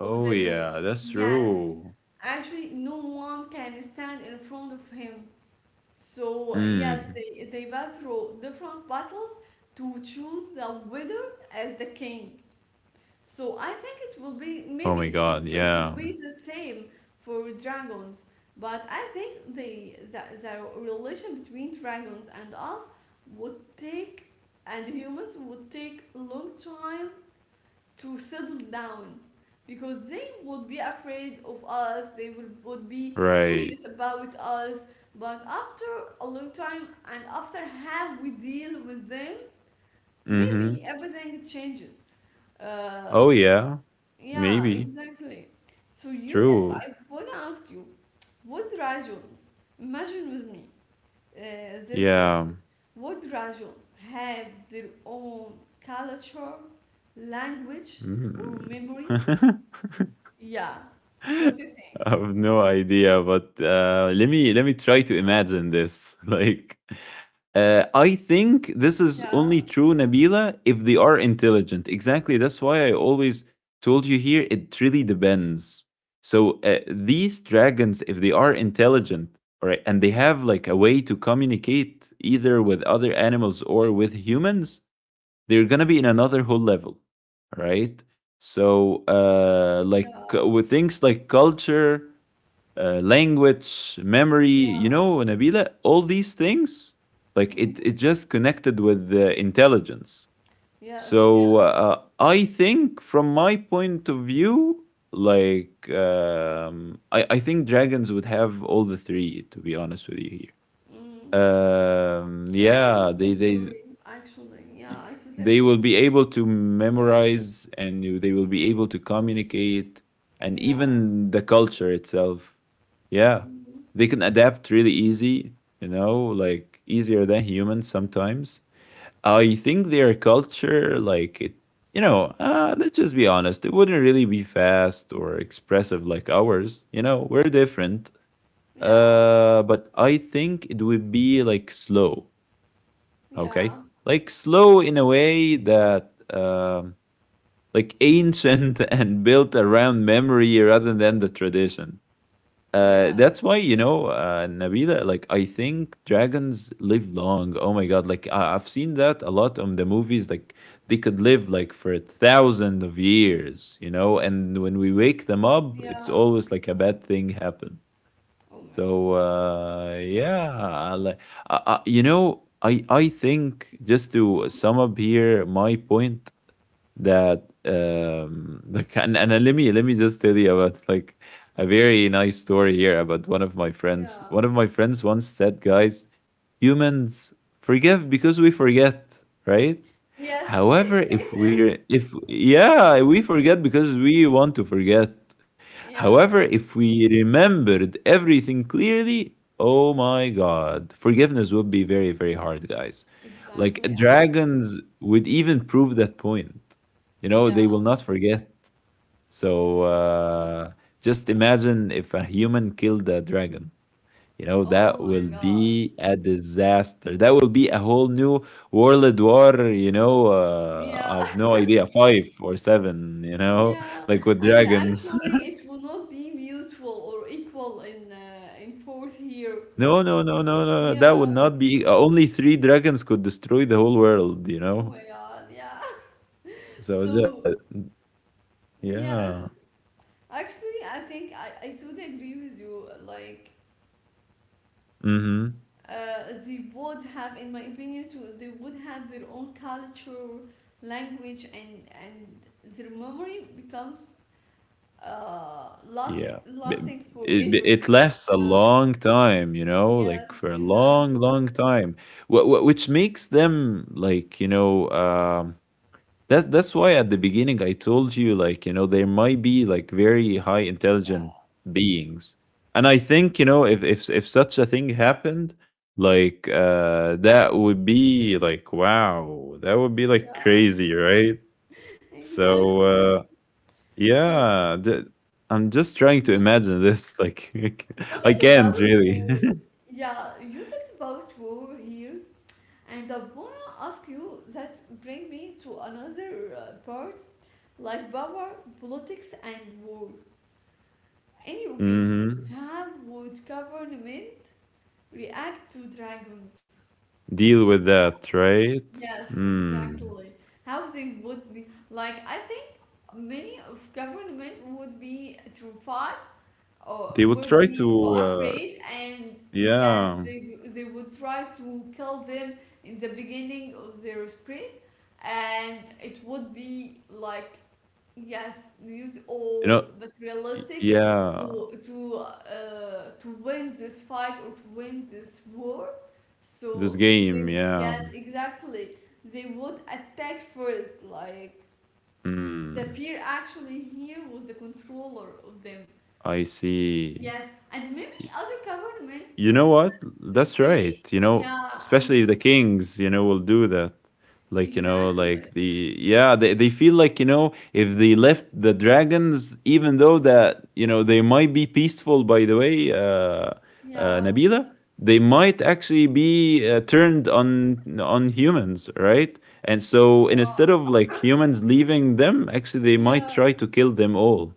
of the zoo. yeah, that's Yes, true. actually, no one can stand in front of him. So yes, Mm. they pass through different battles to choose the winner as the king. So I think it will be, maybe Oh my it would god, it would yeah. be the same for dragons, but I think the relation between dragons and us would take, and humans would take a long time to settle down, because they would be afraid of us, they would be Right. curious about us, but after a long time and after how we deal with them, Mm-hmm. maybe everything changes, uh, Oh s- yeah. yeah, Maybe. exactly. So, Yusuf, True. I want to ask you, what rajones, imagine with me, this question: Yeah. what rajones have their own culture, language, or Mm. memory? *laughs* Yeah. What do you think? I have no idea, but let me try to imagine this. *laughs* Like, I think this is Yeah, only true, Nabila, if they are intelligent. Exactly. That's why I always told you, here it really depends. So, these dragons, if they are intelligent, all right, and they have like a way to communicate either with other animals or with humans, they're going to be in another whole level, all right? So, like yeah, with things like culture, language, memory, you yeah. know, Nabila, all these things, like Hmm. it just connected with the intelligence. Yes, yeah. So I think, from my point of view, like I think dragons would have all the three. To be honest with you, here, Mm. I think yeah, so too, actually. Yeah, y- I totally they agree will with be able to memorize and they will be able to communicate, you. and Yeah. even the culture itself. Yeah, Hmm. they can adapt really easy, you know, like easier than humans sometimes. I think their culture, like it, you know, let's just be honest, it wouldn't really be fast or expressive like ours. You know, we're different, Yeah, but I think it would be like slow. Okay. yeah, Like slow in a way that like ancient, *laughs* and built around memory rather than the tradition. Yeah, That's why, you know, Nabila, like I think dragons live long. Oh my god, like I've seen that a lot on the movies. Like they could live like for 1,000 of years, you know, and when we wake them up, it's yeah. always like a bad thing happens. Oh my God. So yeah, I, you know, I think just to Hmm. sum up here my point that *laughs* like, and let me just tell you about like a very nice story here about one of my Yeah. friends. One of my friends once said, guys, humans forgive because we forget, right? Yes. However, *laughs* if yeah, we forget because we want to forget. Yeah, However, if we remembered everything clearly, oh my god, forgiveness would be very very hard, guys. Like exactly, actually. dragons would even prove that point. You know, Yeah. they will not forget. Oh So my God. Just imagine if a human killed a dragon. You know, Oh that my will God. be a disaster. That will be a whole new world war, you know, Yeah. I've no idea, five or seven, you know, Yeah, *laughs* like with and dragons. *laughs* actually, it will not be mutual or equal in fourth year. No, no, no, no, no, no. That would Yeah. not be. Only three dragons could destroy the whole world, you Oh know? my God. Yeah. *laughs* So, So yeah. yes, actually, I think I totally agree with you. Like, Mm-hmm. They would have, in my opinion, too, they would have their own culture, language, and their memory becomes lasting Yeah. B- lasting It, it forever. it lasts a Yeah. long time, you know, Yes. like for a long, Exactly. long time, which makes them like, you know, that's why at the beginning I told you, like you know there might be like very high intelligent Yeah. beings, and I think you know if such a thing happened, like that would be like wow, that would be like Yeah. crazy, right? So Exactly. So yeah, I'm just trying to yeah, imagine this. Like *laughs* I talking about can't really. war, *laughs* yeah, you talked about war here, and I wanna ask you that bring me to another part, like power, politics, and war. In your opinion, hmm how would government react to dragons? Deal with that, right? Yes, Mm. exactly. How they would like I think many of government would be terrified, oh, They would would try be to, so afraid, and yes yeah. they, they would try to kill them in the beginning of their spring, and it would be like, yes, use You all know, Y materialistic yeah, to win this fight or to win this war, this so game, they, yeah. yes, exactly, they would attack first, like the Mm, fear actually here was the controller of them. I see. Yes, and maybe other government You know what? That's right. say, You know, yeah, especially if and the kings, you know, will do that. Like, you know, like exactly. the yeah, they feel like, you know, if they left the dragons, even though Mhm. that, you know, they might be peaceful by the way, Yeah. Nabila, they might actually be turned on humans, right? And so instead of Uh, like humans leaving them, actually they might yeah. try to kill them all,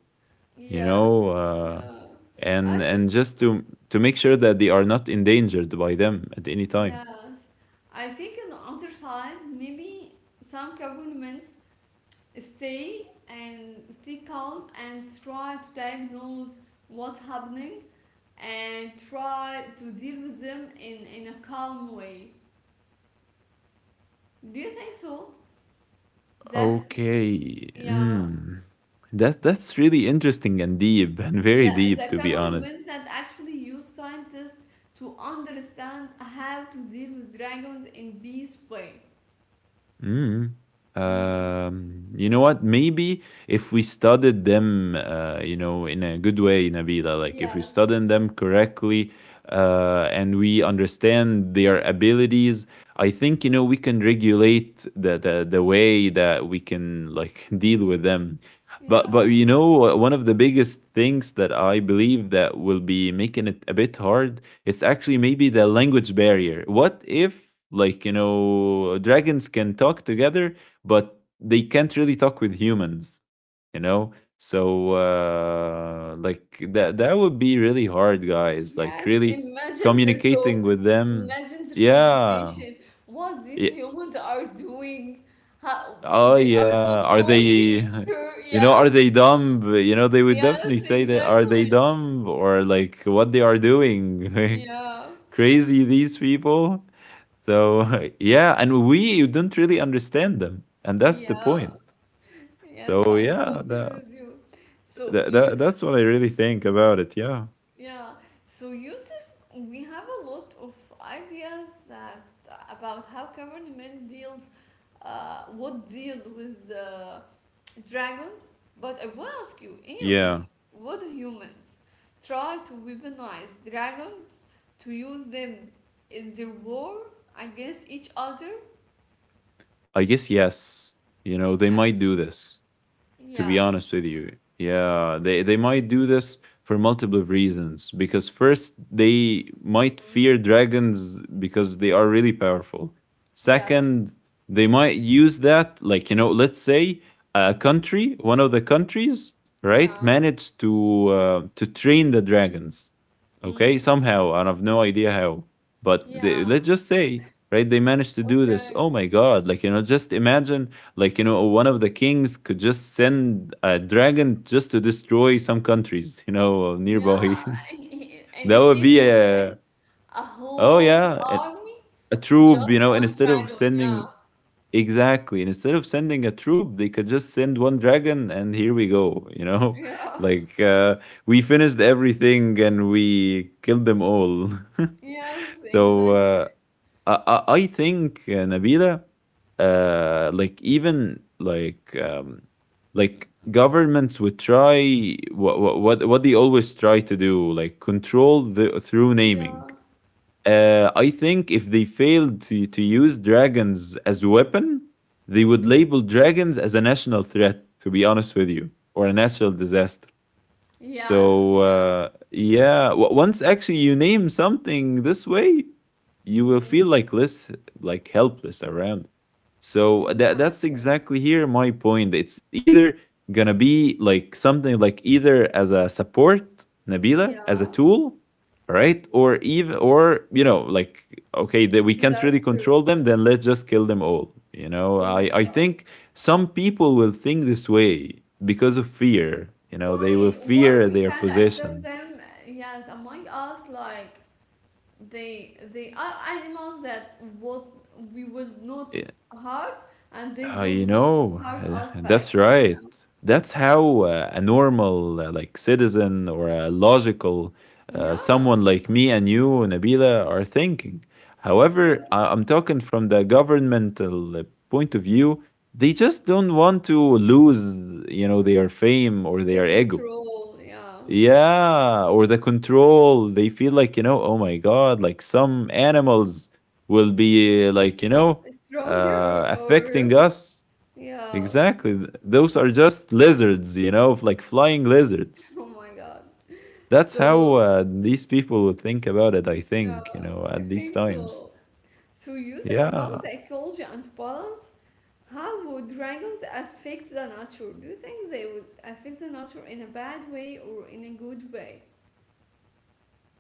you know, Yes. Yeah. and I and should, just to make sure that they are not endangered by them at any time. yes. I think on the other side, maybe some governments stay and stay calm and try to diagnose what's happening and try to deal with them in a calm way. Do you think so? That Okay, Yeah, mm. That's really interesting and deep, *laughs* and very the, deep, to the be honest. governments that actually use scientists to understand how to deal with dragons in peace way. Mm. Mm. You know what? Maybe if we studied them, you know, in a good way, Nabila, like if we Yes. studied them correctly, and we understand their abilities, I think, you know, we can regulate the way that we can like *laughs* deal with them. But Yeah. you know, one of the biggest things that I believe that will be making it a bit hard it's actually maybe the language barrier. What if, like, you know, dragons can talk together, but they can't really talk with humans, you know? So, like, that would be really hard, guys. Like, Yes. really Imagine their communicating talk. with them. Imagine their Yeah. conversation. What these Ye- humans are doing. How Oh, they are yeah. so Are they. small *laughs* creature. You know, Yeah. are *laughs* they dumb? You know, they would definitely Yes. say that. Are they Exactly. dumb? Or like, what they are doing? *laughs* Like, Yeah. crazy these people. So *laughs* yeah, and we don't really understand them, and that's the point. Yeah. So Yes. I yeah, totally that, with you. So that, that you that's what I really think about it. Yeah, Yeah. So Yusuf, we have a lot of ideas that about how Cameron Men deals, what deal with dragons. But I want to ask you, in your yeah. opinion, would humans try to weaponize dragons to use them in their war against each other? I guess yes. You know, they might do this, to Yeah. be honest with you. Yeah, they might do this for multiple reasons. Because first, they might Mm. fear dragons because they are really powerful. Yes. Second, they might use that, like, you know, let's say a country, one of the countries, right, Yeah. managed to train the dragons, okay, Mm. somehow, and I've no idea how, but they, Yeah. let's just say, right, they managed to do this. Okay. Oh my God, like, you know, just imagine, like, you know, one of the kings could just send a dragon just to destroy some countries, you know, Yeah. nearby. *laughs* *laughs* That would Instead be of a, sending A oh whole yeah, army? a troop, you Just know, and one instead of dragon, yeah. sending, exactly, and instead of sending a troop, they could just send one dragon, and here we go, you know. *laughs* Yeah. *laughs* Like, we finished everything and we killed them all. *laughs* Yes, So exactly. I, I think, Nabila, like, even like, like governments would try what they always try to do, like control the through naming. Yeah. I think if they failed to use dragons as a weapon, they would Mm. label dragons as a national threat. To be honest with you, or a national disaster. Yes, So yeah. Yeah, once actually you name something this way, you will feel Mm. like less, like helpless around. So that's Exactly. exactly here my point. It's either gonna be like something, like either as a support, Nabila, as a Yeah. tool, right? Or even, or you know, like, okay, that we can't really control Disaster. them, then let's just kill them all. You know, Oh I my I God. think some people will think this way because of fear. You know, they will Why? Why fear we their can't accept possessions. them? Yes, among us, like they are animals that would we would not Yeah, hurt and they would you not know. hurt *laughs* us That's back. right, that's how a normal, like citizen, or a logical, someone Yeah. like me and you, Nabila, are thinking. However, I'm talking from the governmental, point of view. They just don't want to lose, you know, their fame or The their ego. control, yeah. Yeah, or the control. They feel like, you know, oh my God, like some animals will be like, you know, Strong here or affecting us. yeah. Exactly. Those are just lizards, you know, like flying *laughs* lizards. Oh my god. That's how So these people would think about it, I yeah, think, you know, I at these think times. so. So Yusuf, Yeah. about the ecology and balance, how would dragons affect the nature? Do you think they would affect the nature in a bad way or in a good way?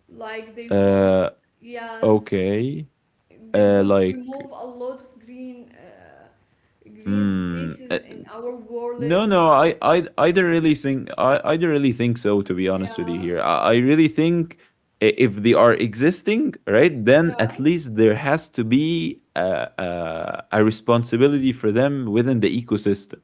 Like they would, Uh, yes, okay. they would Like, remove a lot of green green mm, spaces in our world. no, no, I don't really think, I don't really think so. To be honest with you, Yeah. here, I really think, if they are existing, right, then Yeah. at least there has to be a responsibility for them within the ecosystem,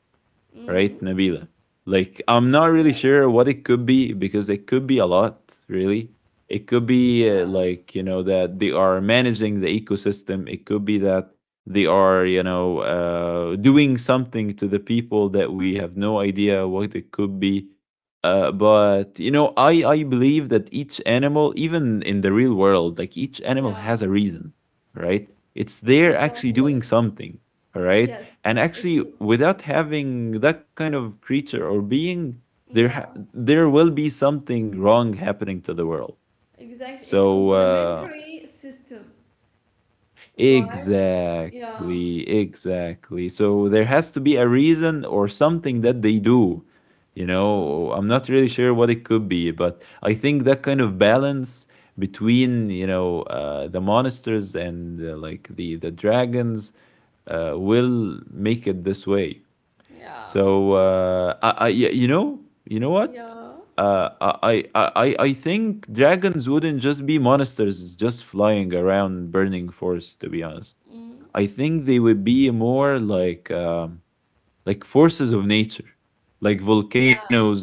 right, Mm. Nabila? Like, I'm not Yeah. really sure what it could be because it could be a lot, really. It could be Yeah. Like, you know, that they are managing the ecosystem. It could be that they are, you know, doing something to the people that we have no idea what it could be. But you know, I believe that each animal, even in the real world, like each animal Yeah, has a reason, right? It's there actually exactly. doing something, all right? Yes, And it's actually, without having that kind of creature or being there, yeah, there will be something wrong happening to the world. exact. It's So complementary system, right? Yeah, exactly, exactly, so there has to be a reason or something that they do. You know, mm, I'm not really sure what it could be, but I think that kind of balance between, you know, the monsters and, like the dragons, will make it this way. yeah, So I, yeah, you know what? yeah, I think dragons wouldn't just be monsters just flying around burning forests. To be honest, mm, I think they would be more like, like forces of nature, like yes, volcanoes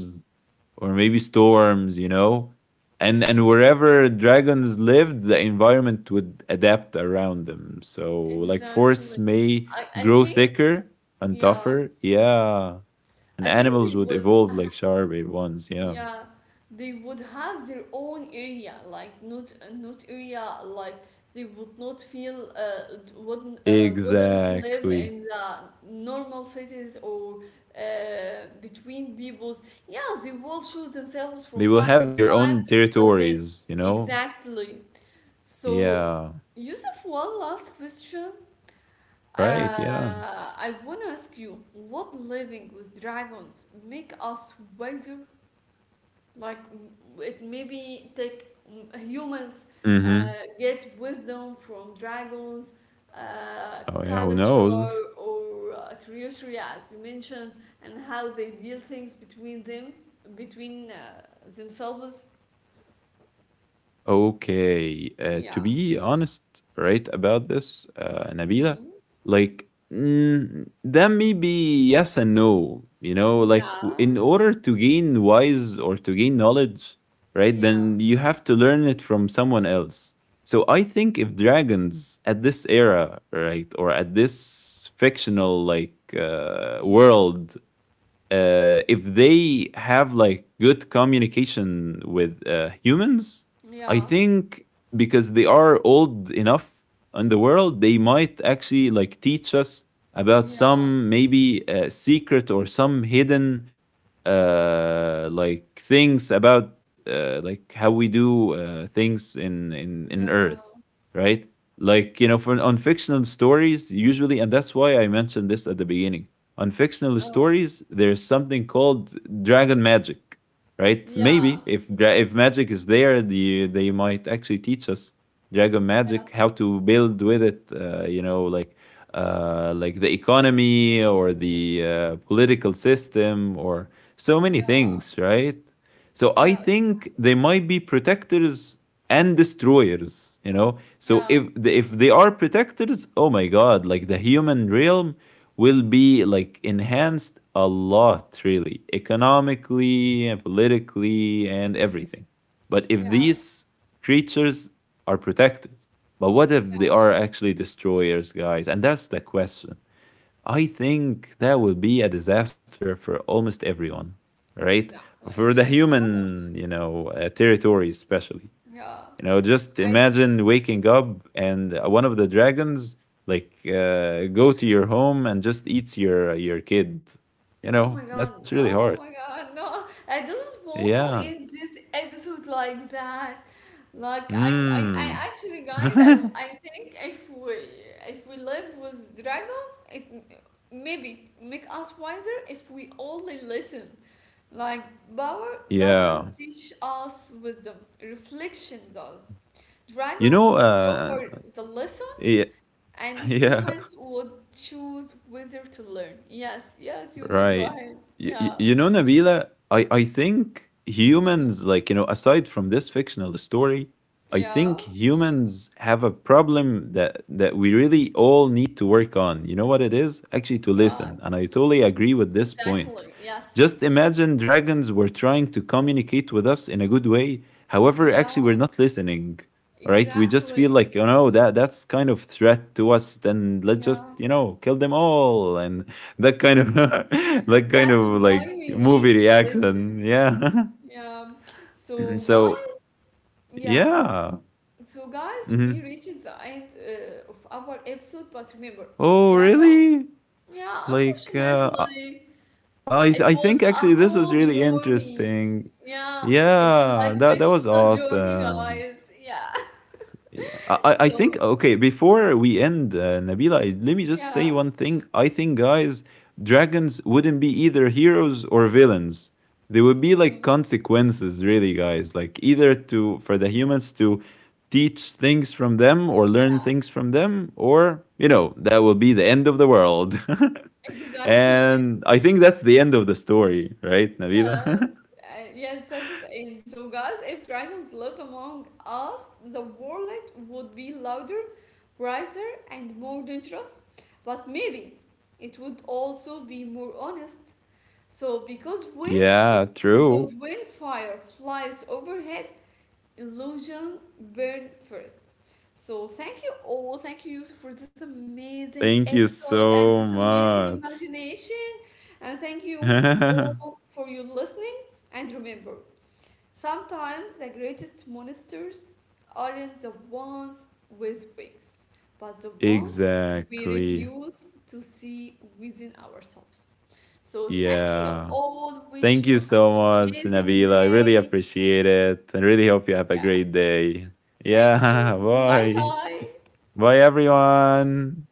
or maybe storms, you know. Mm, And wherever dragons lived, the environment would adapt around them. So like exactly. forests may I grow think thicker and yeah, tougher, yeah. And I think animals they would would evolve like sharper ones, yeah. yeah they would have their own area, like not area like they would not feel wouldn't live Exactly. in the normal cities or between peoples. Yeah, they will choose themselves from They will time to have their time. own But they territories, you know? Exactly. So Yeah. Yusuf, one last question, Right, yeah. I want to ask you what living with dragons make us wiser, like it maybe take humans Mm-hmm. get wisdom from dragons, Oh yeah, who culture knows? or territory as you mentioned, and how they deal things between them between themselves. Okay. To Yeah. be honest, right about this, Nabila, Mm. like, mm, that may be yes and no. You know, like, Yeah. in order to gain wise or to gain knowledge, right, Yeah. then you have to learn it from someone else. So I think if dragons at this era, right, or at this fictional like Mm. world, if they have like good communication with humans, I Yeah. think, because they are old enough in the world, they might actually like teach us about Yeah. some maybe secret or some hidden, like things about, like how we do things in Yeah. Earth, right? Like you know, for on fictional stories usually, and that's why I mentioned this at the beginning, on fictional Oh stories, there's something called dragon magic, right? yeah. Maybe if if magic is there, the they might actually teach us dragon magic, Yes. how to build with it. You know, like, like the economy or the, political system, or so many Yeah. things, right? So I Yes. think they might be protectors and destroyers, you know? So Yeah. if the, if they are protectors, oh my God, like the human realm will be like enhanced a lot, really, economically, and politically, and everything. But if Yes. these creatures are protective, but what if they are actually destroyers, guys? And that's the question. I think that would be a disaster for almost everyone, right? Exactly. For the Yes, of course. human, you know, territory especially. Yeah. You know, just I th imagine waking up and one of the dragons like go to your home and just eats your kid. You Oh my know, God. that's really Oh hard. my God. No, I don't want to Yeah. end this episode like that. Like I I Hmm. actually, guys, I *laughs* think if we live with dragons, maybe make us wiser if we only listen. Like power doesn't Yeah. teach us wisdom. Reflection does. You Dragons know, would offer the lesson. yeah, And *laughs* yeah. humans would choose whether to learn. Yes, yes, Yusuf, go Right. ahead. Yeah. You know, Nabila, I think Mhm. humans, like, you know, aside from this fictional story, I Yeah. think humans have a problem that that we really all need to work on. You know what it is? Actually, to Yeah. listen. And I totally agree with this point. Exactly. Yes. Just Yes. imagine dragons were trying to communicate with us in a good way. However, Yeah. actually, we're not listening. All right, we just feel Exactly. like, you know, that that's kind of threat to us. Then let's just, Yeah. you know, kill them all, and that kind of *laughs* that *laughs* kind That's of why like we movie need to listen. reaction, yeah. *laughs* Yeah. So And guys, so yeah. yeah. So guys, we Mhm. reached the end of our episode, but remember, if Oh dragons, really? yeah, Like I, unfortunately, it I was think a actually this is whole really journey. interesting. Yeah, it's like Yeah, that that was fictional journey, awesome. guys. Yeah. *laughs* Yeah, I think, So okay. Before we end, Nabila, let me just say yeah. one thing. I think, guys, dragons wouldn't be either heroes or villains. They would be like Mm, consequences, really, guys. Like either to for the humans to teach things from them or learn things yeah. from them, or you know, that will be the end of the world. *laughs* Exactly. And I think that's the end of the story, right, Nabila? Yeah. *laughs* Yeah. Send it in. So, guys, if dragons lived among us, the world would be louder, brighter, and more dangerous. But maybe it would also be more honest. So, Yeah, true. because when fire flies overhead, illusion burn first. So thank you all, thank you Yusuf for this amazing Thank you episode and so this amazing much. imagination, and thank you *laughs* all for your listening. And remember, sometimes the greatest monsters aren't the ones with wings, but the ones we Exactly. refuse to see within ourselves. So thank you Yeah. all. Thank Wish you you so an much, amazing Nabila. I really day. appreciate it, and really hope you have a Yeah. great day. Thank Yeah. *laughs* you. Bye Bye. bye. Bye, everyone.